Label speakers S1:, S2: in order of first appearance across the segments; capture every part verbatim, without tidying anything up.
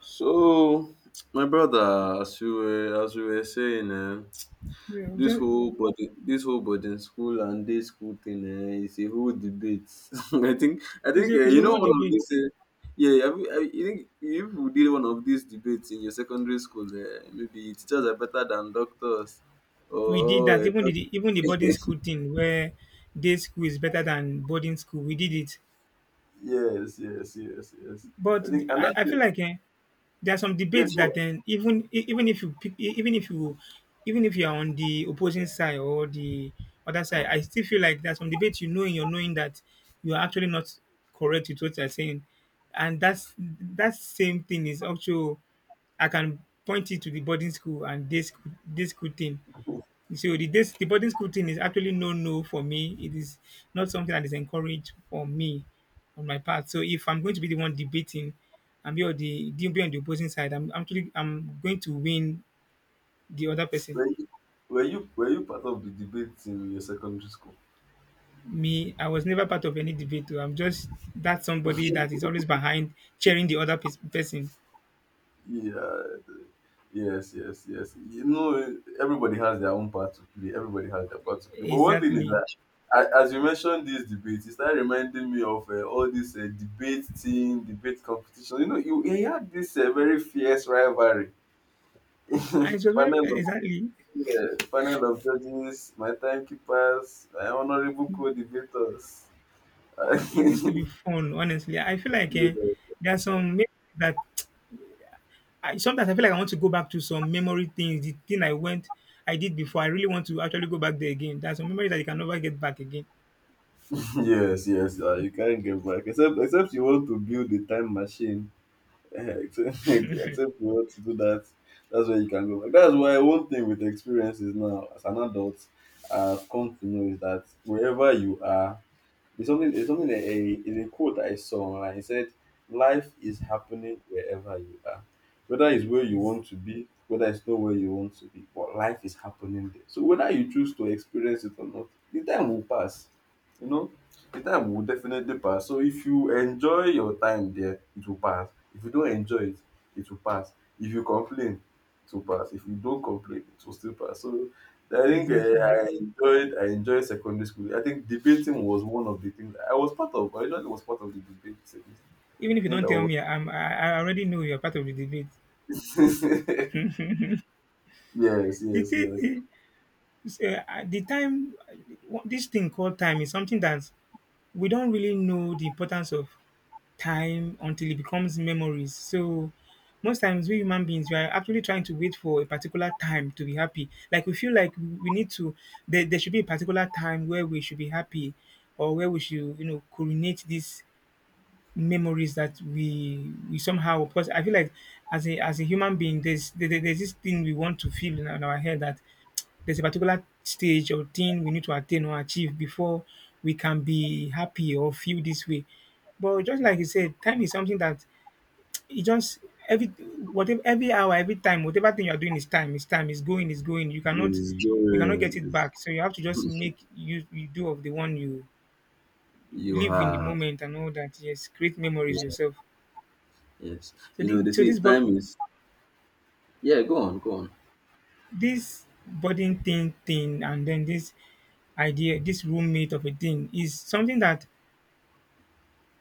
S1: So, my brother, as we were as we were saying, eh,
S2: Yeah, we
S1: this
S2: just-
S1: whole body, this whole boarding school and day school thing eh, is a whole debate. I think, I
S2: it's
S1: think
S2: a,
S1: eh,
S2: it's a
S1: you know
S2: whole
S1: one of
S2: debate.
S1: these. Eh, yeah, I, I, you think if we did one of these debates in your secondary school, eh, maybe teachers are better than doctors.
S2: We did
S1: Oh,
S2: that.
S1: eh,
S2: Even
S1: doc-
S2: the even the boarding
S1: yes,
S2: school thing where day school is better than boarding school. We did it,
S1: yes, yes, yes.
S2: but
S1: I think, and
S2: I,
S1: that's
S2: I feel
S1: it.
S2: like eh, there are some
S1: Yeah,
S2: debates that
S1: go
S2: then even e- even if you pick, e- even if you even if you are on the opposing side or the other side, I still feel like there's some debates you know in your knowing that you are actually not correct with what you're saying, and that's that same thing is also I can point it to the boarding school and this this school thing. So the this, the boarding school thing is actually no no for me. It is not something that is encouraged for me on my part. So if I'm going to be the one debating and be on the be on the opposing side, I'm I'm actually I'm going to win the other
S1: on.
S2: person.
S1: Were you, were you, were you part of the debate in your secondary school?
S2: Me, I was never part of any debate. Though, I'm just that somebody that is always behind cheering the other pers- person.
S1: Yeah, yes, yes, yes. You know, everybody has their own part to play. Everybody has their part to play. But one thing is
S2: Exactly.
S1: that, a- as you mentioned this debate, it started reminding me of uh, all this uh, debate team, debate competition. You know, you, you had this uh, very fierce rivalry.
S2: And it was very
S1: panel of
S2: exactly.
S1: uh, panel of judges, my timekeepers, my honorable co-debaters.
S2: It used to be fun, honestly. I feel like eh, there are some men that I sometimes I feel like I want to go back to some memory things, the thing I went, I did before. I really want to actually go back there again. That's a memory that you can never get back again.
S1: yes, yes, uh, you can't get back. Except, except you want to build a time machine except, except you want to do that, that's where you can go. Like, that's why one thing with experiences now, as an adult, I've come to know is that wherever you are, it's something. It's something that a is a quote I saw online. It said, "Life is happening wherever you are, whether it's where you
S2: Yes,
S1: want to be, whether it's not where you want to be, but life is happening there. So whether you choose to experience it or not, the time will pass. You know, the time will definitely pass. So if you enjoy your time there, it will pass. If you don't enjoy it, it will pass. If you complain, it will pass. If you don't complain, it will still pass. So I think uh,
S2: exactly.
S1: I enjoyed I enjoyed secondary school. I think debating was one of the things I was part of. I usually was part of the debate series.
S2: Even
S1: I
S2: if you
S1: think
S2: don't
S1: I
S2: tell
S1: was.
S2: me, I'm, I, I already know you're part of the debate.
S1: yes,
S2: The,
S1: yes, yes.
S2: thing is, uh, the time, this thing called time is something that we don't really know the importance of time until it becomes memories. So most times we human beings we are actually trying to wait for a particular time to be happy. Like we feel like we need to there, there should be a particular time where we should be happy or where we should, you know, coordinate these memories that we we somehow because I feel like as a as a human being there's there, there- there's this thing we want to feel in, our in our head that there's a particular stage or thing we need to attain or achieve before we can be happy or feel this way. But just like you said, time is something that it just every whatever every hour, every time, whatever thing you're doing is time, is time, is going, is going. You cannot
S1: It's
S2: you cannot get
S1: during
S2: it
S1: it's-
S2: back. So you have to just make you, you do of the one you
S1: you
S2: live in the
S1: have
S2: moment and all that. Yes, create memories
S1: yeah,
S2: yourself.
S1: yes.
S2: So
S1: You
S2: the,
S1: know they
S2: so
S1: say
S2: this but
S1: time is yeah, go on, go on.
S2: this budding thing thing and then this idea, this roommate of a thing is something that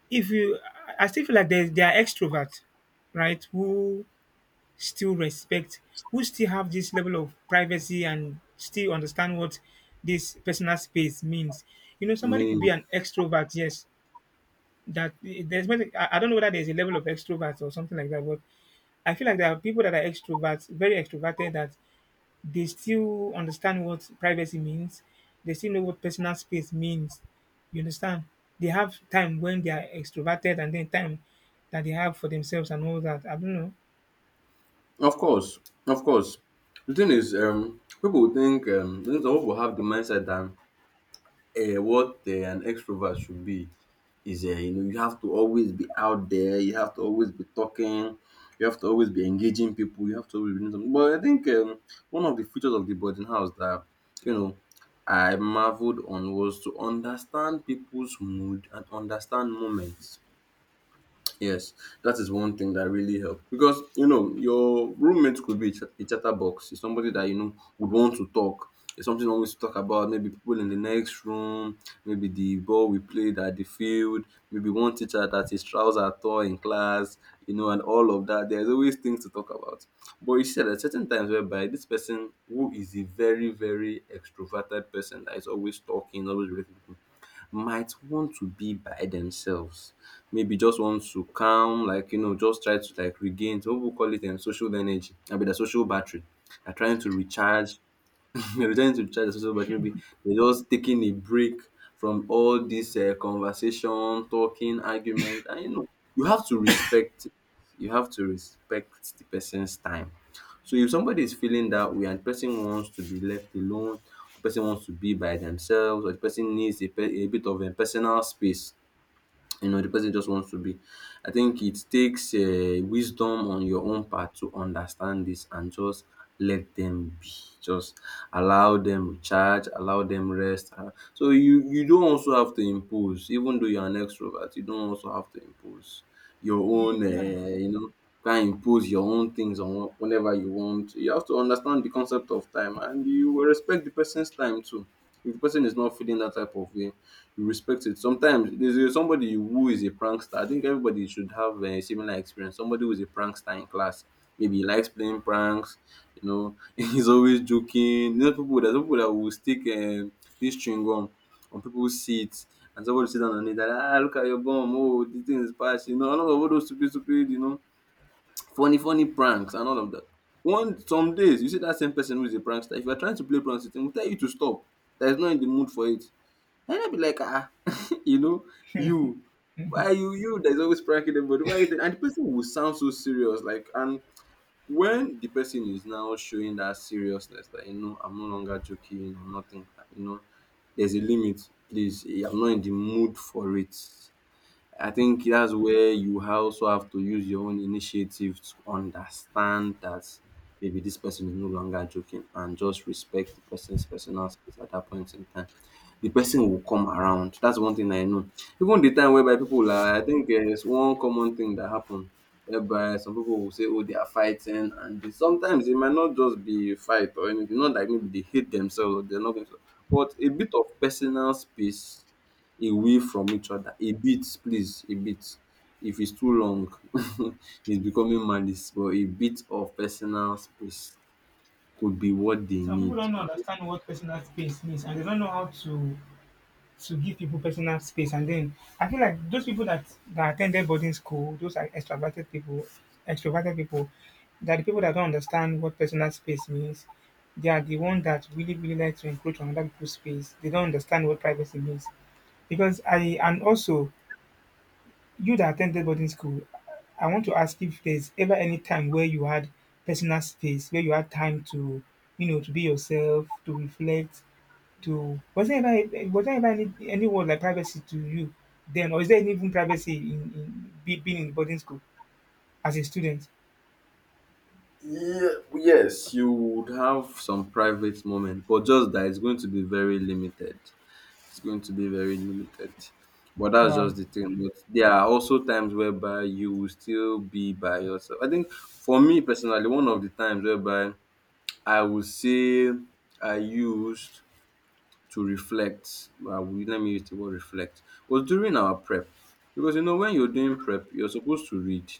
S2: if you I I still feel like there, there are extroverts, right, who still respect, who still have this level of privacy and still understand what this personal space means. You know,
S1: I
S2: somebody could
S1: mean
S2: be an extrovert, yes. That there's many- I I don't know whether there's a level of extroverts or something like that, but I feel like there are people that are extroverts, very extroverted, that they still understand what privacy means. They still know what personal space means. You understand? They have time when they are extroverted and then time that they have for themselves and all that. I don't know.
S1: of course, of course. The thing is um people will think um things people have the mindset that uh, what uh, an extrovert should be is um you know you have to always be out there, you have to always be talking, you have to always be engaging people, you have to always be doing something. But I think um, one of the features of the boarding house that you know I marveled on was to understand people's mood and understand moments. Yes, that is one thing that really helped because you know your roommate could be a chat- a chatterbox. It's somebody that you know would want to talk. It's something always to talk about. Maybe people in the next room, maybe the ball we played at the field, maybe one teacher that his trousers tore in class, you know, and all of that. There's always things to talk about. But you see, there are certain times whereby this person who is a very very extroverted person that is always talking, always relating, might want to be by themselves. Maybe just want to calm, like, you know, just try to like regain some pipu call it um social energy abi the social battery. Are trying to recharge. Returning to church is also about maybe they just taking a break from all this uh, conversation, talking, argument. And you know, you have to respect. You have to respect the person's time. So if somebody is feeling that way and the person wants to be left alone, the person wants to be by themselves, or the person needs a, pe- a bit of a personal space, you know the person just wants to be. I think it takes uh, wisdom on your own part to understand this and just let them be, just allow them recharge, allow them rest, uh, so you you don't also have to impose. Even though you're an extrovert, you don't also have to impose your
S2: The
S1: own,
S2: people that
S1: uh, you know, try and impose your own things on wh- whenever you want. You have to understand the concept of time and you will respect the person's time too. If the person is not feeling that type of way, you respect it. Sometimes there's a- somebody who is a prankster. I think everybody should have a similar experience. Somebody who is a prankster in class. Maybe he likes playing pranks, you know, he's always joking. There's people there's people that will stick um, this chewing gum on people's seats and somebody sit down on it and, ah, look at your gum, oh this thing is past, you know, and all of all those stupid, stupid, you know, funny, funny pranks and all of that. One Some days you see that same person who is a prankster, if you're trying to play pranks with him, will tell you to stop. That is not in the mood for it. And I'll be like, ah, you know, you, why you, you, there's always pranking everybody. Why is it? And the person will sound so serious, like, and when the person is now showing that seriousness, that you know, I'm no longer joking or nothing, you know, there's a limit, please. I'm not in the mood for it. I think that's where you also have to use your own initiative to understand that maybe this person is no longer joking and just respect the person's personal space at that point in time. The person will come around. That's one thing I know. Even the time whereby people are I think um one common thing that happen whereby some people will say oh they are fighting and they sometimes it might not just be fight or anything. Not like maybe they hate themselves or they're not going to, but a bit of personal space away from each other. A bit please, a bit. If it's too long it's becoming malice, but a bit of personal space could be what they
S2: Some people
S1: need.
S2: don't understand what personal space means and they don't know how to to give people personal space. And then I feel like those people that, that attended boarding school, those are extroverted people, extroverted people, that the people that don't understand what personal space means, they are the ones that really, really like to encroach on other people's space. They don't understand what privacy means. Because I, and also, you that attended boarding school, I want to ask if there's ever any time where you had personal space, where you had time to, you know, to be yourself, to reflect, to was there ever a- was there ever any any word like privacy to you then, or is there any even privacy in, in be- being in boarding school as a student?
S1: Yeah, yes, you would have some private moment, but just that it's going to be very limited. It's going to be very limited. But that's
S2: Wow,
S1: just the thing. But there are also times whereby you will still be by yourself. I think for me personally, one of the times whereby I would say I used to reflect, uh, we- let me use the word reflect, was during our prep. Because you know, when you're doing prep, you're supposed to read.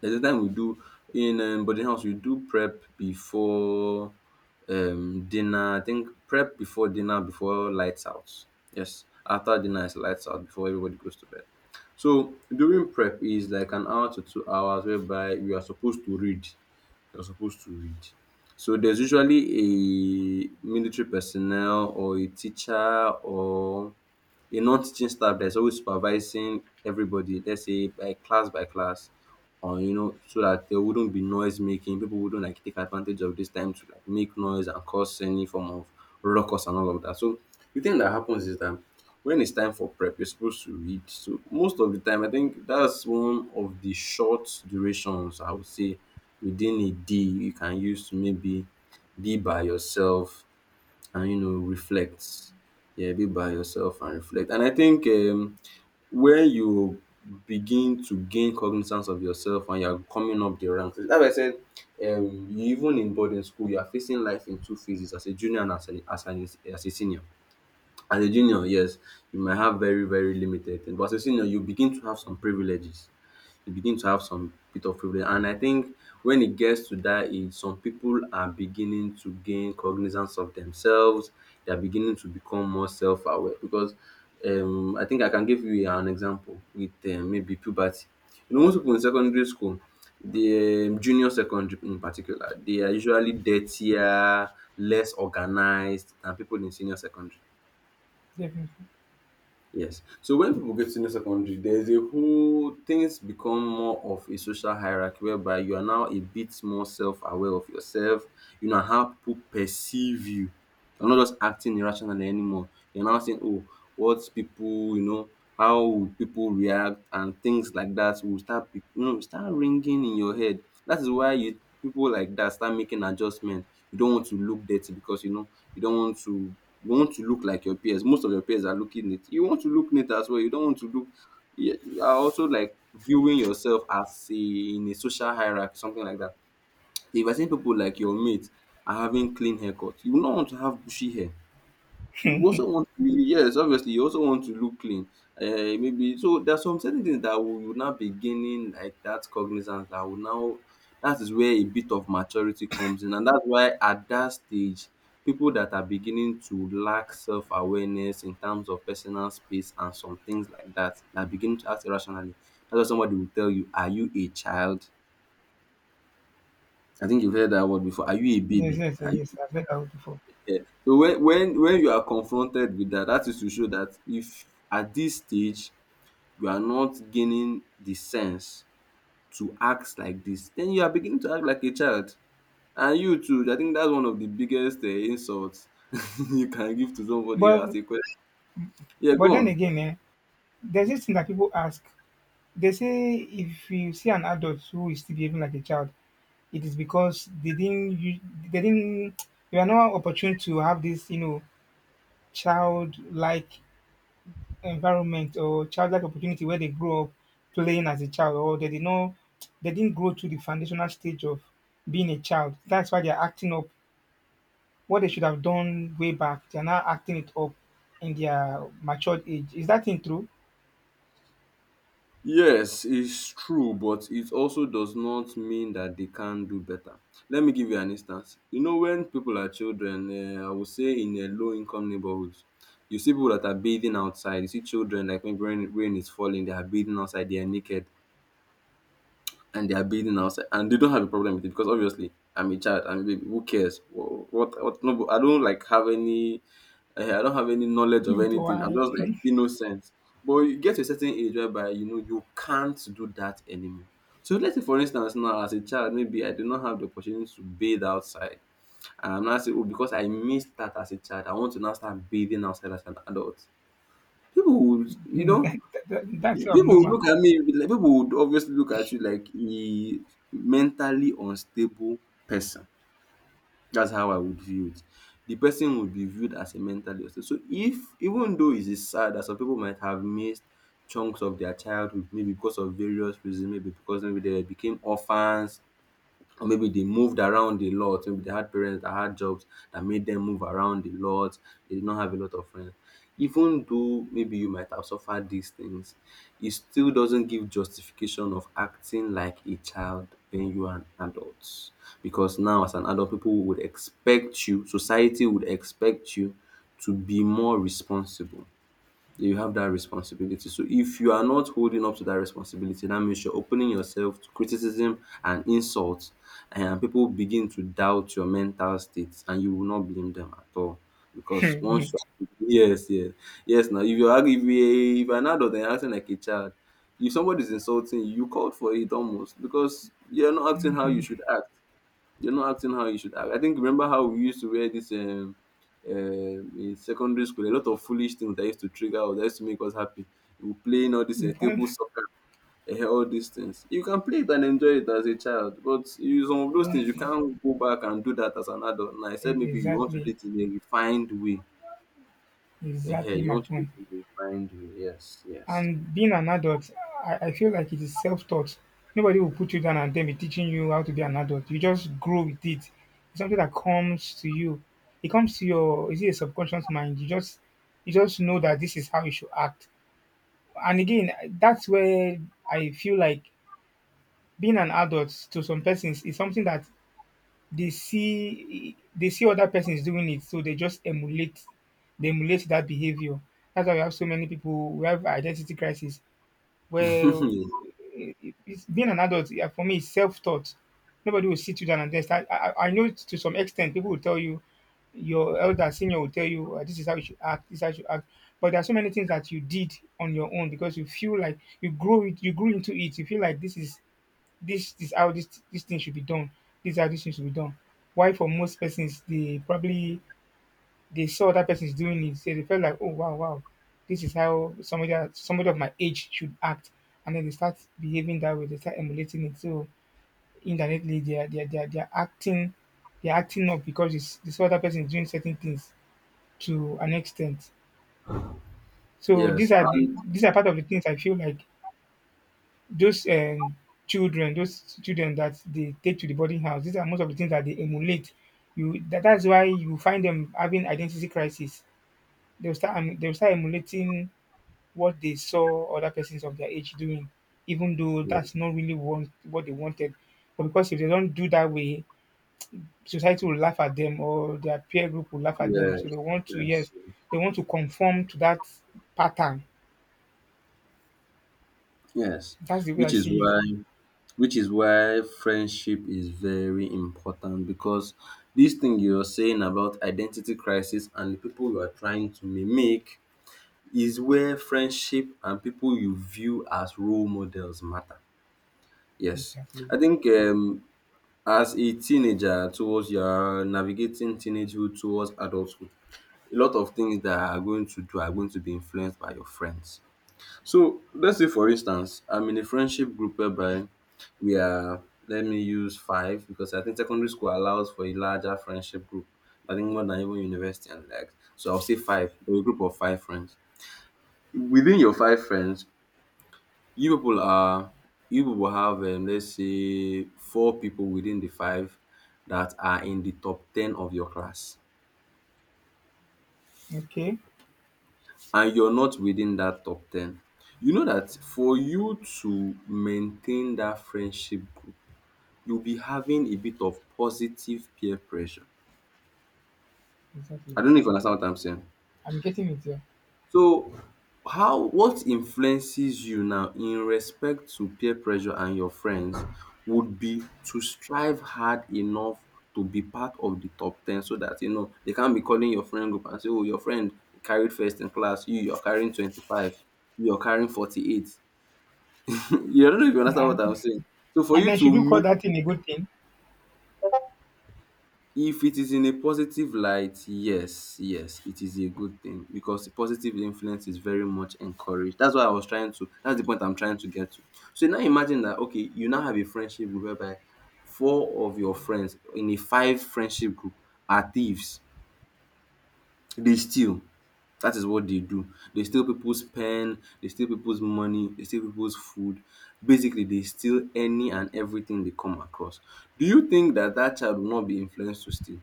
S1: There's a time we do in um, boarding house we do prep before um dinner. I think prep before dinner, before lights out. Yes, after dinner is lights out, before everybody goes to bed. So during prep is like an hour to two hours whereby you are supposed to read. You're supposed to read. So there's usually a military personnel or a teacher or a non-teaching staff that is always supervising everybody, let's say by class by class, or you know, so that there wouldn't be noise making. People wouldn't like take advantage of this time to like make noise and cause any form of ruckus and all of that. So the thing that happens is that when it's time for prep, you're supposed to read. So most of the time, I think that's one of the short durations I would say within a day you can use to maybe be by yourself and you know reflect. Yeah, be by yourself and reflect. And I think um when you begin to gain cognizance of yourself and you're coming up the ranks, that's why I said um even in boarding school you are facing life in two phases, as a junior and as an as an as a senior. As a junior, yes, you might have very very limited things, but as a senior you begin to have some privileges, you begin to have some bit of privilege. And I think when it gets to that age, some people are beginning to gain cognizance of themselves. They are beginning to become more self-aware because um, I think I can give you an example with um, maybe puberty. You know, most people in secondary school, the um, junior secondary in particular, they are usually dirtier, less organized than people in senior secondary.
S2: definitely.
S1: Yes. So when people get to senior secondary, there's a whole things become more of a social hierarchy whereby you are now a bit more self-aware of yourself. You know how people perceive you. You're not just acting irrationally anymore. You're now saying, "Oh, what people, you know, how would people react?" and things like that will start, be- you know, start ringing in your head. That is why you people like that start making adjustments. You don't want to look dirty because you know you don't want to you want to look like your peers. Most of your peers are looking neat, you want to look neat as well. You don't want to look, you you are also like viewing yourself as a, in a social hierarchy, something like that. If I see people like your mates are having clean haircuts, you will not want to have bushy hair. You also want to really, yes, obviously, you also want to look clean. Uh, maybe so there are some certain things that will you now be gaining, like that cognizance that will now, that is where a bit of maturity comes in, and that's why at that stage, people that are beginning to lack self awareness in terms of personal space and some things like that, that begin to act irrationally. That's why somebody will tell you, "Are you a child?" I think you've heard that word before. Are you a
S2: Yes,
S1: baby?
S2: yes,
S1: Are.
S2: yes, yes. I've heard that one before.
S1: So when when when you are confronted with that, that is to show that if at this stage you are not gaining the sense to act like this, then you are beginning to act like a child, and you too. I think that's one of the biggest um insult you can give to somebody
S2: But
S1: as a question. Yeah,
S2: but
S1: go
S2: then
S1: on.
S2: again, eh, there's this thing that people ask. They say if you see an adult who is still behaving like a child, it is because they didn't you they didn't you are not opportune to have this, you know, childlike environment or childlike opportunity where they grew up playing as a child or they did not they didn't grow to the foundational stage of being a child. That's why they're acting up what they should have done way back. They're now acting it up in their matured age. Is that thing true?
S1: Yes, it's true, but it also does not mean that they can't do better. Let me give you an instance. You know, when people are children, uh, I would say in a low income neighborhoods, you see people that are bathing outside. You see children, like when rain, rain is falling, they are bathing outside, they are naked, and they are bathing outside, and they don't have a problem with it because obviously I'm a child, I'm a baby. Who cares? Wh- What? What? No, I don't like have any. Eh, I don't have any knowledge of
S2: Into
S1: anything. I'm
S2: I
S1: just like innocent. But you get to a certain age whereby you know you can't do that anymore. So let's say for instance now, as a child, maybe I do not have the opportunity to bathe outside, and I'm now saying, oh, because I missed that as a child, I want to now start bathing outside as an adult. People would you know
S2: that, that, that's
S1: People would
S2: abnormal.
S1: look at me like, people would obviously look at you like a mentally unstable person. That's how I would view it. The person would be viewed as a mentally unstable. So, if even though it is sad that some people might have missed chunks of their childhood, maybe because of various reasons, maybe because maybe they became orphans, or maybe they moved around a lot. Maybe they had parents that had jobs that made them move around a lot. They did not have a lot of friends. Even though maybe you might have suffered these things, it still doesn't give justification of acting like a child when you are an adult. Because now, as an adult, people would expect you, society would expect you to be more responsible, you have that responsibility. So if you are not holding up to that responsibility, that means you're opening yourself to criticism and insults, and people begin to doubt your mental states, and you will not blame them at all. Because once you yes, yes, yes, now if you're argu- if you if you're an adult and you're acting like a child, if somebody's insulting you, you called for it almost because you're not acting how you should act. You're not acting how you should act. I think, remember how we used to wear this um, um in secondary school, a lot of foolish things that used to trigger us, that used to make us happy. We were playing all this uh,
S2: Don't-
S1: table soccer, uh, all these things. You can play it and enjoy it as a child, but you, some of those things you
S2: don't- e-
S1: can't go back and do that as an adult. Now, I said maybe you want to
S2: exactly,
S1: do it in a refined way. Uh,
S2: exactly
S1: you
S2: my
S1: want to do it
S2: point.
S1: in a refined way. Yes, yes,
S2: And being an adult, I, I feel like it is self taught. Nobody will put you down and then be teaching you how to be an adult. You just grow with it. It's something that comes to you. It comes to your is it a subconscious mind. You just you just know that this is how you should act. And again, that's where I feel like being an adult to some persons is something that they see they see other persons doing it, so they just emulate they emulate that behavior. That's why we have so many people who have identity crisis well, it, it- it's, being an adult yeah, for me is self-taught. Nobody will sit you down and then I, I I know to some extent people will tell you, your elder senior will tell you, "Ah, this is how you should act, this is how you should act." But there are so many things that you did on your own because you feel like you grow it, you grew into it. You feel like this is this is how this this thing should be done. This is how this thing should be done. Why for most persons they probably they saw that person is doing it, so they felt like, oh wow, wow, this is how somebody that- somebody of my age should act, and then they start behaving that way. They start emulating it. So indirectly, they are they are, they are, they are acting, they are acting up because it's, they saw that person is doing certain things to an extent. So
S1: yes,
S2: these are the,
S1: and
S2: these are part of the things I feel like those um, children, those children that they take to the boarding house. These are most of the things that they emulate. You that, that's why you find them having identity crisis. They'll start em- they'll start emulating what they saw other persons of their age doing, even though that's
S1: yes,
S2: not really want, what they wanted. But because if they don't do that way, society will laugh at them or their peer group will laugh at them. So they
S1: yes,
S2: want to,
S1: yes,
S2: yes, they want to conform to that pattern.
S1: yes.
S2: That's the way
S1: Which
S2: I
S1: is
S2: see it.
S1: why Which is why friendship is very important because this thing you're saying about identity crisis and the people you are trying to mimic is where friendship and people you view as role models matter. Yes,
S2: Exactly.
S1: I think um, as a teenager, towards your navigating teenagehood towards adulthood, a lot of things that are going to do are going to be influenced by your friends. So let's say, for instance, I'm in a friendship group whereby, yeah, let me use five because I think secondary school allows for a larger friendship group. I think more than even university and like. So I'll say five, a group of five friends. Within your five friends, you people are you people have, um, let's say four people within the five that are in the top ten of your class,
S2: Okay.
S1: and you're not within that top ten. You know that for you to maintain that friendship group, you'll be having a bit of positive peer pressure.
S2: Exactly.
S1: I don't know if you understand what I'm saying.
S2: I'm getting it here.
S1: So, how, what influences you now in respect to peer pressure and your friends would be to strive hard enough to be part of the top ten, so that you know they can't be calling your friend group and say, oh, your friend carried first in class, you you're carrying twenty-five, you're carrying forty-eight. You, I don't know if you understand what
S2: And,
S1: I'm saying. So for
S2: and
S1: you
S2: then should you call
S1: to,
S2: that thing a good thing?
S1: if it is in a positive light, yes, yes, it is a good thing because the positive influence is very much encouraged. That's why I was trying to, that's the point I'm trying to get to. So now imagine that, okay, you now have a friendship group whereby four of your friends in a five friendship group are thieves. They steal. That is what they do. They steal people's pen, they steal people's money, they steal people's food. Basically, they steal any and everything they come across. Do you think that that child will not be influenced to steal?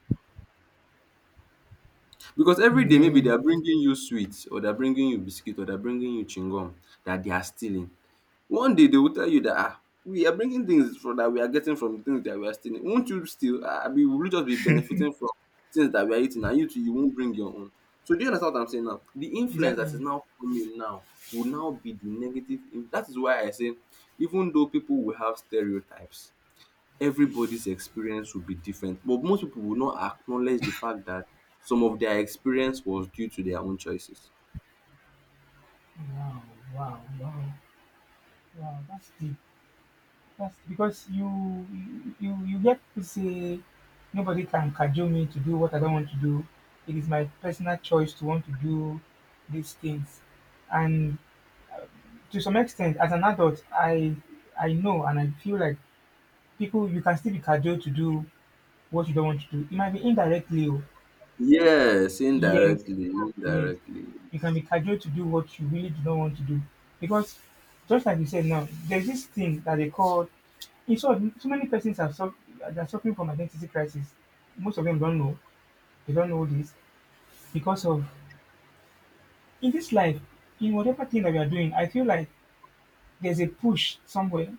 S1: Because every day maybe
S2: Yeah.
S1: they are bringing you sweets, or they're bringing you biscuit, or they're bringing you chewing that they are stealing. One day they will tell you that, ah, we are bringing things for, that we are getting from the things that we are stealing. Won't you steal? Ah, Abi will you just be benefiting from things that we are eating and you too you won't bring your own. So do you understand what I'm saying now? The influence that is
S2: Exactly.
S1: now coming now will now be the negative. in- That is why I say, even though people will have stereotypes, everybody's experience will be different, but most people will not acknowledge the fact that some of their experience was due to their own choices.
S2: Wow, wow, wow, wow. That's deep. That's because you you you get to say nobody can cajole me to do what I don't want to do. It is my personal choice to want to do these things. And to some extent, as an adult, I I know and I feel like people you can still be cajoled to do what you don't want to do. It might be indirectly, oh,
S1: Yes,
S2: yes,
S1: indirectly,
S2: yes.
S1: indirectly,
S2: You can be cajoled to do what you really do not want to do. Because just like you said now, there's this thing that they call in short, so many persons are, suff- are suffering from identity crisis. Most of them don't know. They don't know this because of in this life, in whatever thing that we are doing, I feel like there's a push somewhere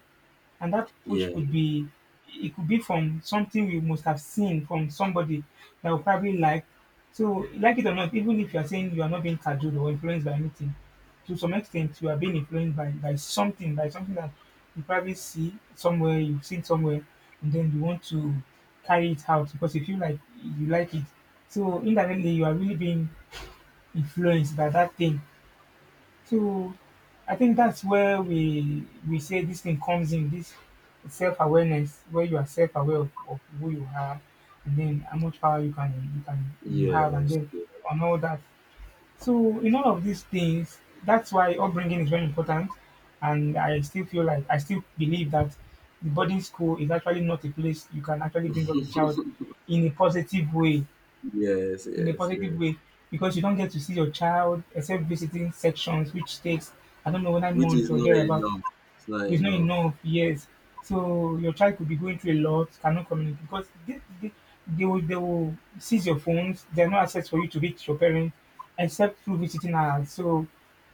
S2: and that push
S1: yes,
S2: could be it could be from something we must have seen from somebody that we probably like. So, like it or not, even if you are saying you are not being cajoled or influenced by anything, to some extent you are being influenced by, by something, by something that you probably see somewhere, you've seen somewhere, and then you want to carry it out because you feel like you like it. So indirectly you are really being influenced by that thing so I think that's where we we say this thing comes in, this self-awareness, where you are self-aware of, of who you are and then how much power you can you can you have and
S1: yes.
S2: then on all that. So in all of these things, that's why upbringing is very important. And I still feel like I still believe that the boarding school is actually not a place you can actually bring up a child in a positive way
S1: Yes,
S2: in a
S1: yes,
S2: positive
S1: yes,
S2: way because you don't get to see your child except visiting sections, which takes I don't know nine
S1: which is
S2: months or
S1: not
S2: thereabout.
S1: enough, it's not
S2: Which is not
S1: enough
S2: enough years. So your child could be going through a lot, cannot communicate because they, they, they will they will seize your phones. There's no access for you to reach your parents except through visiting hours. So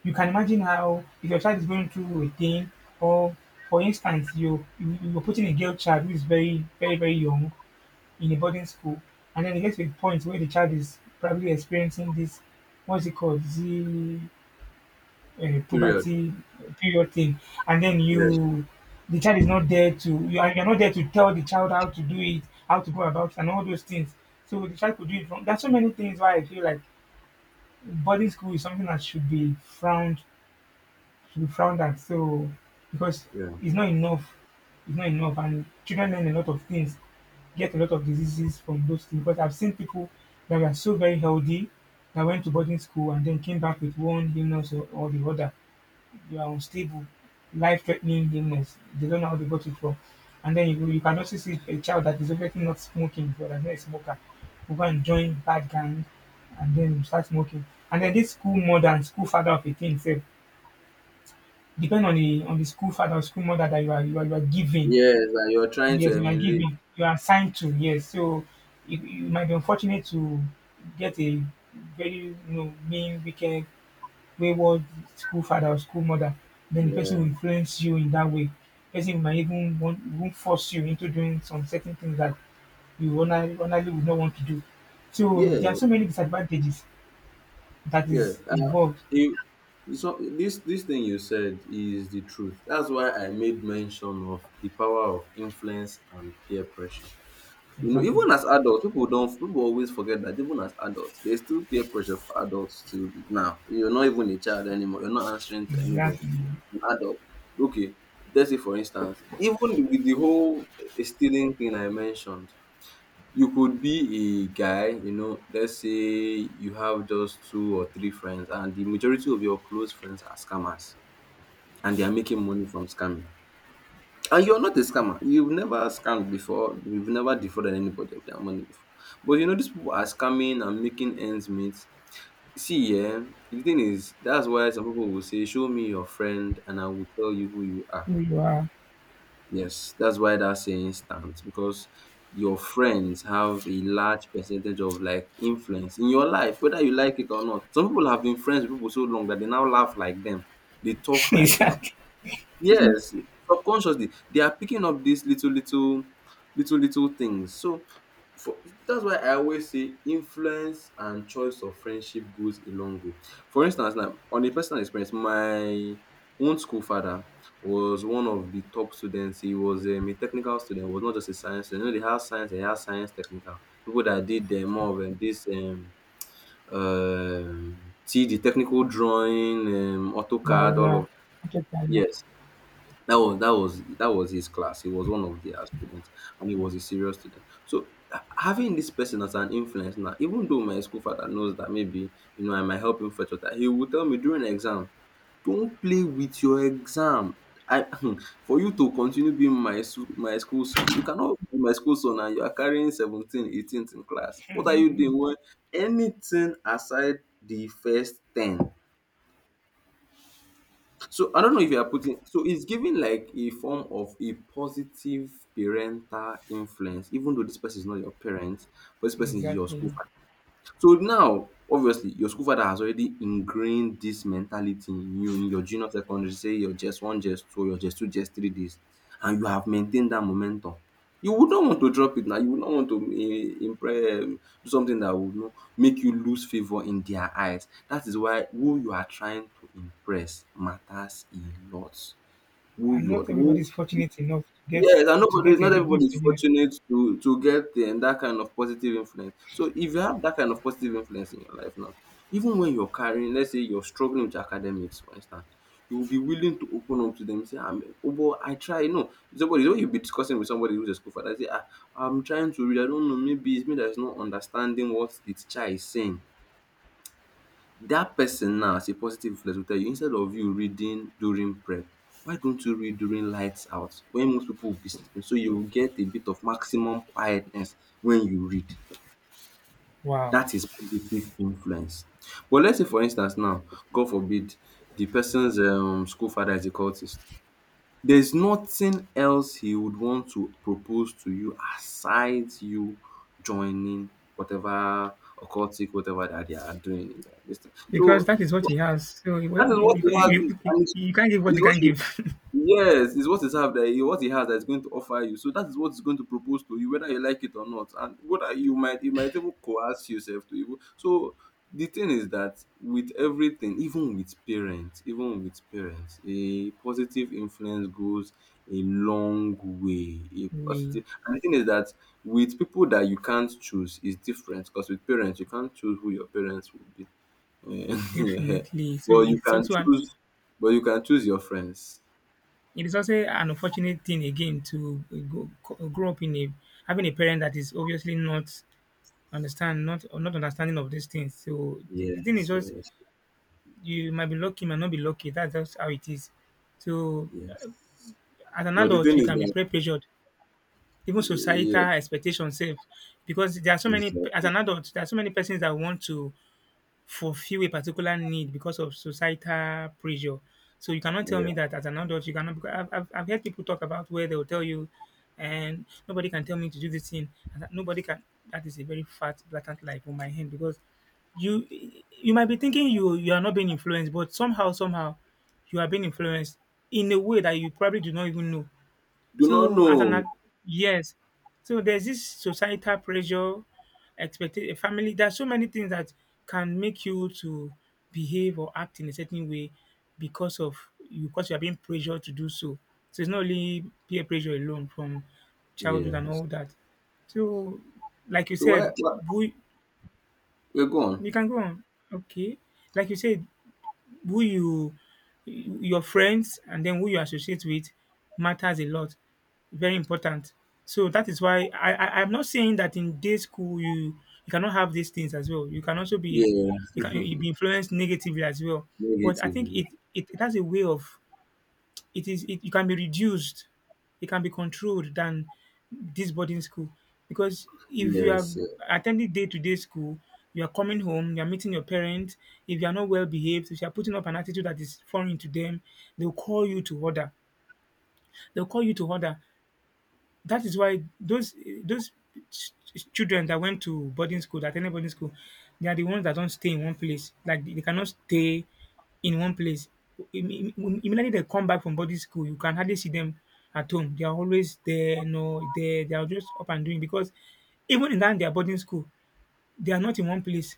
S2: you can imagine how if your child is going through a thing or for instance you you- you're putting a girl child who is very very very young in a boarding school, and then it gets to a point where the child is probably experiencing this, what's it called, the uh,
S1: period.
S2: puberty period thing, and then
S1: Yeah,
S2: you the child is not there to you are you're not there to tell the child how to do it, how to go about it, and all those things. So the child could do it wrong. There's so many things why I feel like boarding school is something that should be frowned we be frowned at. So because
S1: yeah,
S2: it's not enough, it's not enough, and children learn a lot of things, get a lot of diseases from those things. Because I've seen people that were so very healthy that went to boarding school and then came back with one illness or, or the other. They are unstable, life-threatening illness. They don't know how they got it from. And then you, you can also see a child that is obviously not smoking, but that's not a smoker, who go and join bad gang and then start smoking. And then this school mother and school father of a teen self depend on the on the school father or school mother that you are you are, you are giving.
S1: yes, and you're trying to
S2: Yes, you are
S1: emulate,
S2: giving. You are assigned to. Yes, so you, you might be unfortunate to get a very, you know, mean, wicked, wayward school father or school mother. Then the person will
S1: yeah,
S2: influence you in that way. Person might even want, even force you into doing some certain things that you honestly, honestly would not want to do. So
S1: yeah,
S2: there are so many disadvantages that
S1: yeah.
S2: is involved.
S1: You, so this this thing you said is the truth, that's why I made mention of the power of influence and peer pressure. You know,
S2: Exactly.
S1: even as adults, people don't, people always forget that even as adults, there's still peer pressure for adults. Till now, you're not even a child anymore, you're not answering to anybody,
S2: Exactly.
S1: an adult. Okay, let's say for instance, even with the whole eh, stealing thing I mentioned, you could be a guy, you know. Let's say you have just two or three friends, and the majority of your close friends are scammers, and they are making money from scamming. And you're not a scammer. You've never scammed before. You've never defrauded anybody of their money before. But you know, these people are scamming and making ends meet. See, yeah, the thing is, that's why some people will say, show me your friend, and I will tell you who you are.
S2: Who you are.
S1: Yes, that's why that saying stands, because your friends have a large percentage of like influence in your life, whether you like it or not. Some people have been friends with people so long that they now laugh like them. They talk like they are.
S2: Exactly.
S1: Yes, subconsciously they are picking up these little, little, little, little things. So, for, that's why I always say influence and choice of friendship goes a long way. For instance now, on a personal experience, my own school father was one of the top students. He was um, a technical student. He was not just a science student. You know, they have science, they have science technical. People that did, um, more of, um, this, um, see, the technical drawing, um,
S2: Wow,
S1: AutoCAD, all
S2: yeah,
S1: of,
S2: I get that, yeah.
S1: yes. That was, that was, that was his class. He was one of their students, and he was a serious student. So ha- having this person as an influence now, even though my school father knows that maybe you know I might help him fetch water, he will tell me during exam, don't play with your exam. I for you to continue being my su- my school son, you cannot be my school son and you are carrying seventeen, eighteenth in class. What are you doing? Well, anything aside the first ten, so I don't know if you are putting, so it's giving like a form of a positive parental influence, even though this person is not your parent, but this person is your
S2: Exactly.
S1: school. So now obviously your school father has already ingrained dis mentality in you in your junior secondary sey your J S S one, JSS two, your JSS two, J S S three days and you have maintained dat momentum. You would not want to drop it now, you would not want to eh, impre- um do something dat would no make you lose favour in their eyes. Dat is why who you are trying to impress matters a lot. Who
S2: And
S1: you are,
S2: not everybody
S1: who.
S2: is fortunate enough to get,
S1: Yes, and
S2: to
S1: nobody,
S2: get a
S1: not everybody
S2: good
S1: is
S2: genius.
S1: fortunate to to get um, that kind of positive influence. So if you have that kind of positive influence in your life now, even when you're carrying, let's say you're struggling with academics, for instance, you will be willing to open up to them and say, "I'm, oh boy, I try." No, somebody, when you be discussing with somebody who's a school father, say, "Ah, I'm trying to read. I don't know. Maybe it's me that's not understanding what the teacher is saying." That person now, as a positive reflex, go tell you, instead of you reading during prep, why don't you read during lights out when most people will be sleeping, so you will get a bit of maximum quietness when you read.
S2: Wow.
S1: That is positive influence, but let's say for instance now, God forbid, the person's um school father is a cultist, there is nothing else he would want to propose to you aside you joining whatever occultic whatever that they are doing in their this thing.
S2: Because
S1: So
S2: that is what he has. So you,
S1: that is what
S2: you,
S1: he has. Is,
S2: you, you
S1: and it's
S2: you can't give what
S1: it's
S2: you
S1: what
S2: can't
S1: he,
S2: give.
S1: yes, is what he have that he, what he has, that is going to offer you. So that is what is going to propose to you, whether you like it or not. And whether you might, you might even coerce yourself to even. So the thing is that with everything, even with parents, even with parents, a positive influence goes a long way. A
S2: we
S1: positive, and the thing is that with people that you can't choose is different, because with parents you can't choose who your parents will be. Yeah.
S2: definitely. So
S1: But you
S2: it's
S1: can
S2: also an,
S1: choose but you can choose your friends.
S2: it is also an unfortunate thing again to go, co- grow up in a, having a parent that is obviously not understand not, or not understanding of these things. So the, the thing is,
S1: Yes,
S2: just you might be lucky, might not be lucky. That's just how it is. So
S1: yes.
S2: as an
S1: But the
S2: adult
S1: thing
S2: we
S1: is
S2: can be
S1: that,
S2: peer pressured, even
S1: yeah,
S2: societal expectations, sef, because there are so many, as
S1: okay,
S2: an adult there are so many persons that want to fulfill a particular need because of societal pressure. So you cannot tell
S1: yeah,
S2: me that as an adult you cannot, because I've, I've, I've heard people talk about where they'll tell you, and nobody can tell me to do this thing and that nobody can, that is a very fat blatant lie on my hand. Because you you might be thinking you, you are not being influenced, but somehow somehow you are being influenced in a way that you probably do not even know.
S1: do not
S2: So as an
S1: know.
S2: ad-, yes, so there's this societal pressure, expected family. There's so many things that can make you to behave or act in a certain way because of you, because you are being pressured to do so. So it's not only peer pressure alone from childhood and
S1: Yes.
S2: all that. So like you
S1: So why,
S2: said,
S1: why
S2: we
S1: we're gone.
S2: you can go on. Okay. Like you said, who you your friends and then who you associate with matters a lot. Very important. So that is why I, I I'm not saying that in day school you, you cannot have these things as well. You can also be,
S1: Yeah,
S2: you can you be influenced negatively as well. But I think
S1: negatively.
S2: it it, it has a way of, it is it, it can be reduced, it can be controlled than this boarding school. Because if you are
S1: Yes, yeah.
S2: attending day to day school, you are coming home, you are meeting your parents. If you are not well behaved, if you are putting up an attitude that is foreign to them, they'll call you to order. They'll call you to order. That is why those those ch ch children that went to boarding school, that attended boarding school, they are the ones that don't stay in one place. Like they cannot stay in one place. Im im im- immediately they come back from boarding school, you can hardly see them at home. They are always there, you know, there, they are just up and doing because even in that their boarding school, they are not in one place.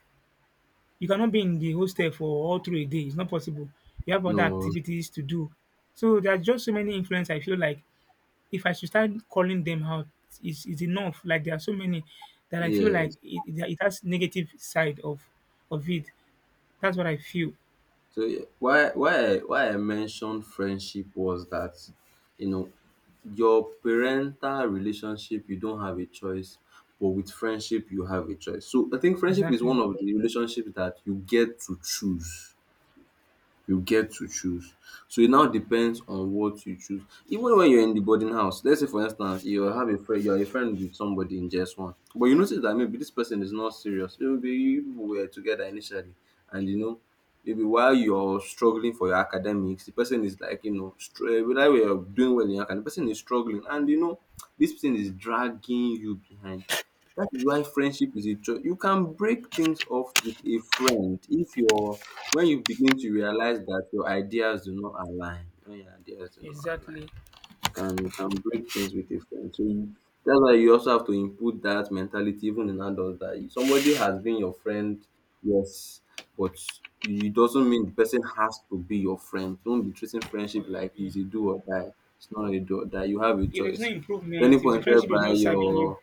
S2: You cannot be in the hostel for all through a day. It's not possible. You have other
S1: No.
S2: activities to do. So there are just so many influence I feel like, if I should start calling them out, is is enough. Like there are so many that I feel like
S1: Yes.
S2: it, it it has negative side of of it. That's what I feel.
S1: So yeah, why why I- why I mentioned friendship was that you know your parental relationship, you don't have a choice, but with friendship you have a choice. So I think friendship is one
S2: Exactly.
S1: of the relationships that you get to choose. You get to choose. So it now depends on what you choose. Even when you're in the boarding house, let's say for instance, you have a friend, you're a friend with somebody in J S one, but you notice that maybe this person is not serious. Maybe you people were together initially, and you know, maybe while you're struggling for your academics, the person is like, you know, str- whether you're doing well in your academics, the person is struggling, and you know, this person is dragging you behind. That is why friendship is a choice. You can break things off with a friend if you're when you begin to realize that your ideas do not align, when your ideas do not align,
S2: Exactly.
S1: can can break things with a friend. So you, that's why you also have to input that mentality even in adults, that you, somebody has been your friend, yes, but, you- it doesn't mean the person has to be your friend. Don't be treating friendship
S2: For
S1: like it's
S2: every-,
S1: a do or die. It's not a do or die. You have a
S2: if there's no
S1: choice. At any
S2: improvement, if the
S1: point
S2: friendship is
S1: whereby
S2: not serving you,
S1: your,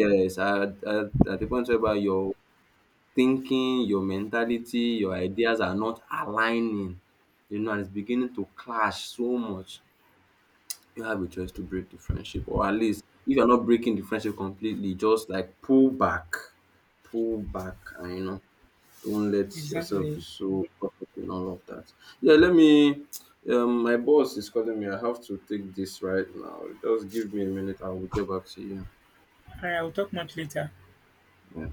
S1: yes, at, at, at the point whereby your thinking, your mentality, your ideas are not aligning, you know, and it's beginning to clash so much, you have a choice to break the friendship. Or at least, if you're not breaking the friendship completely, just like pull back, pull back, and you know, don't let yourself be
S2: exactly.
S1: so caught up in all of that. Yeah, let me. Um, my boss is calling me. I have to take this right now. Just give me a minute. I will get back to you.
S2: All right, I'll talk much later.
S1: Yeah.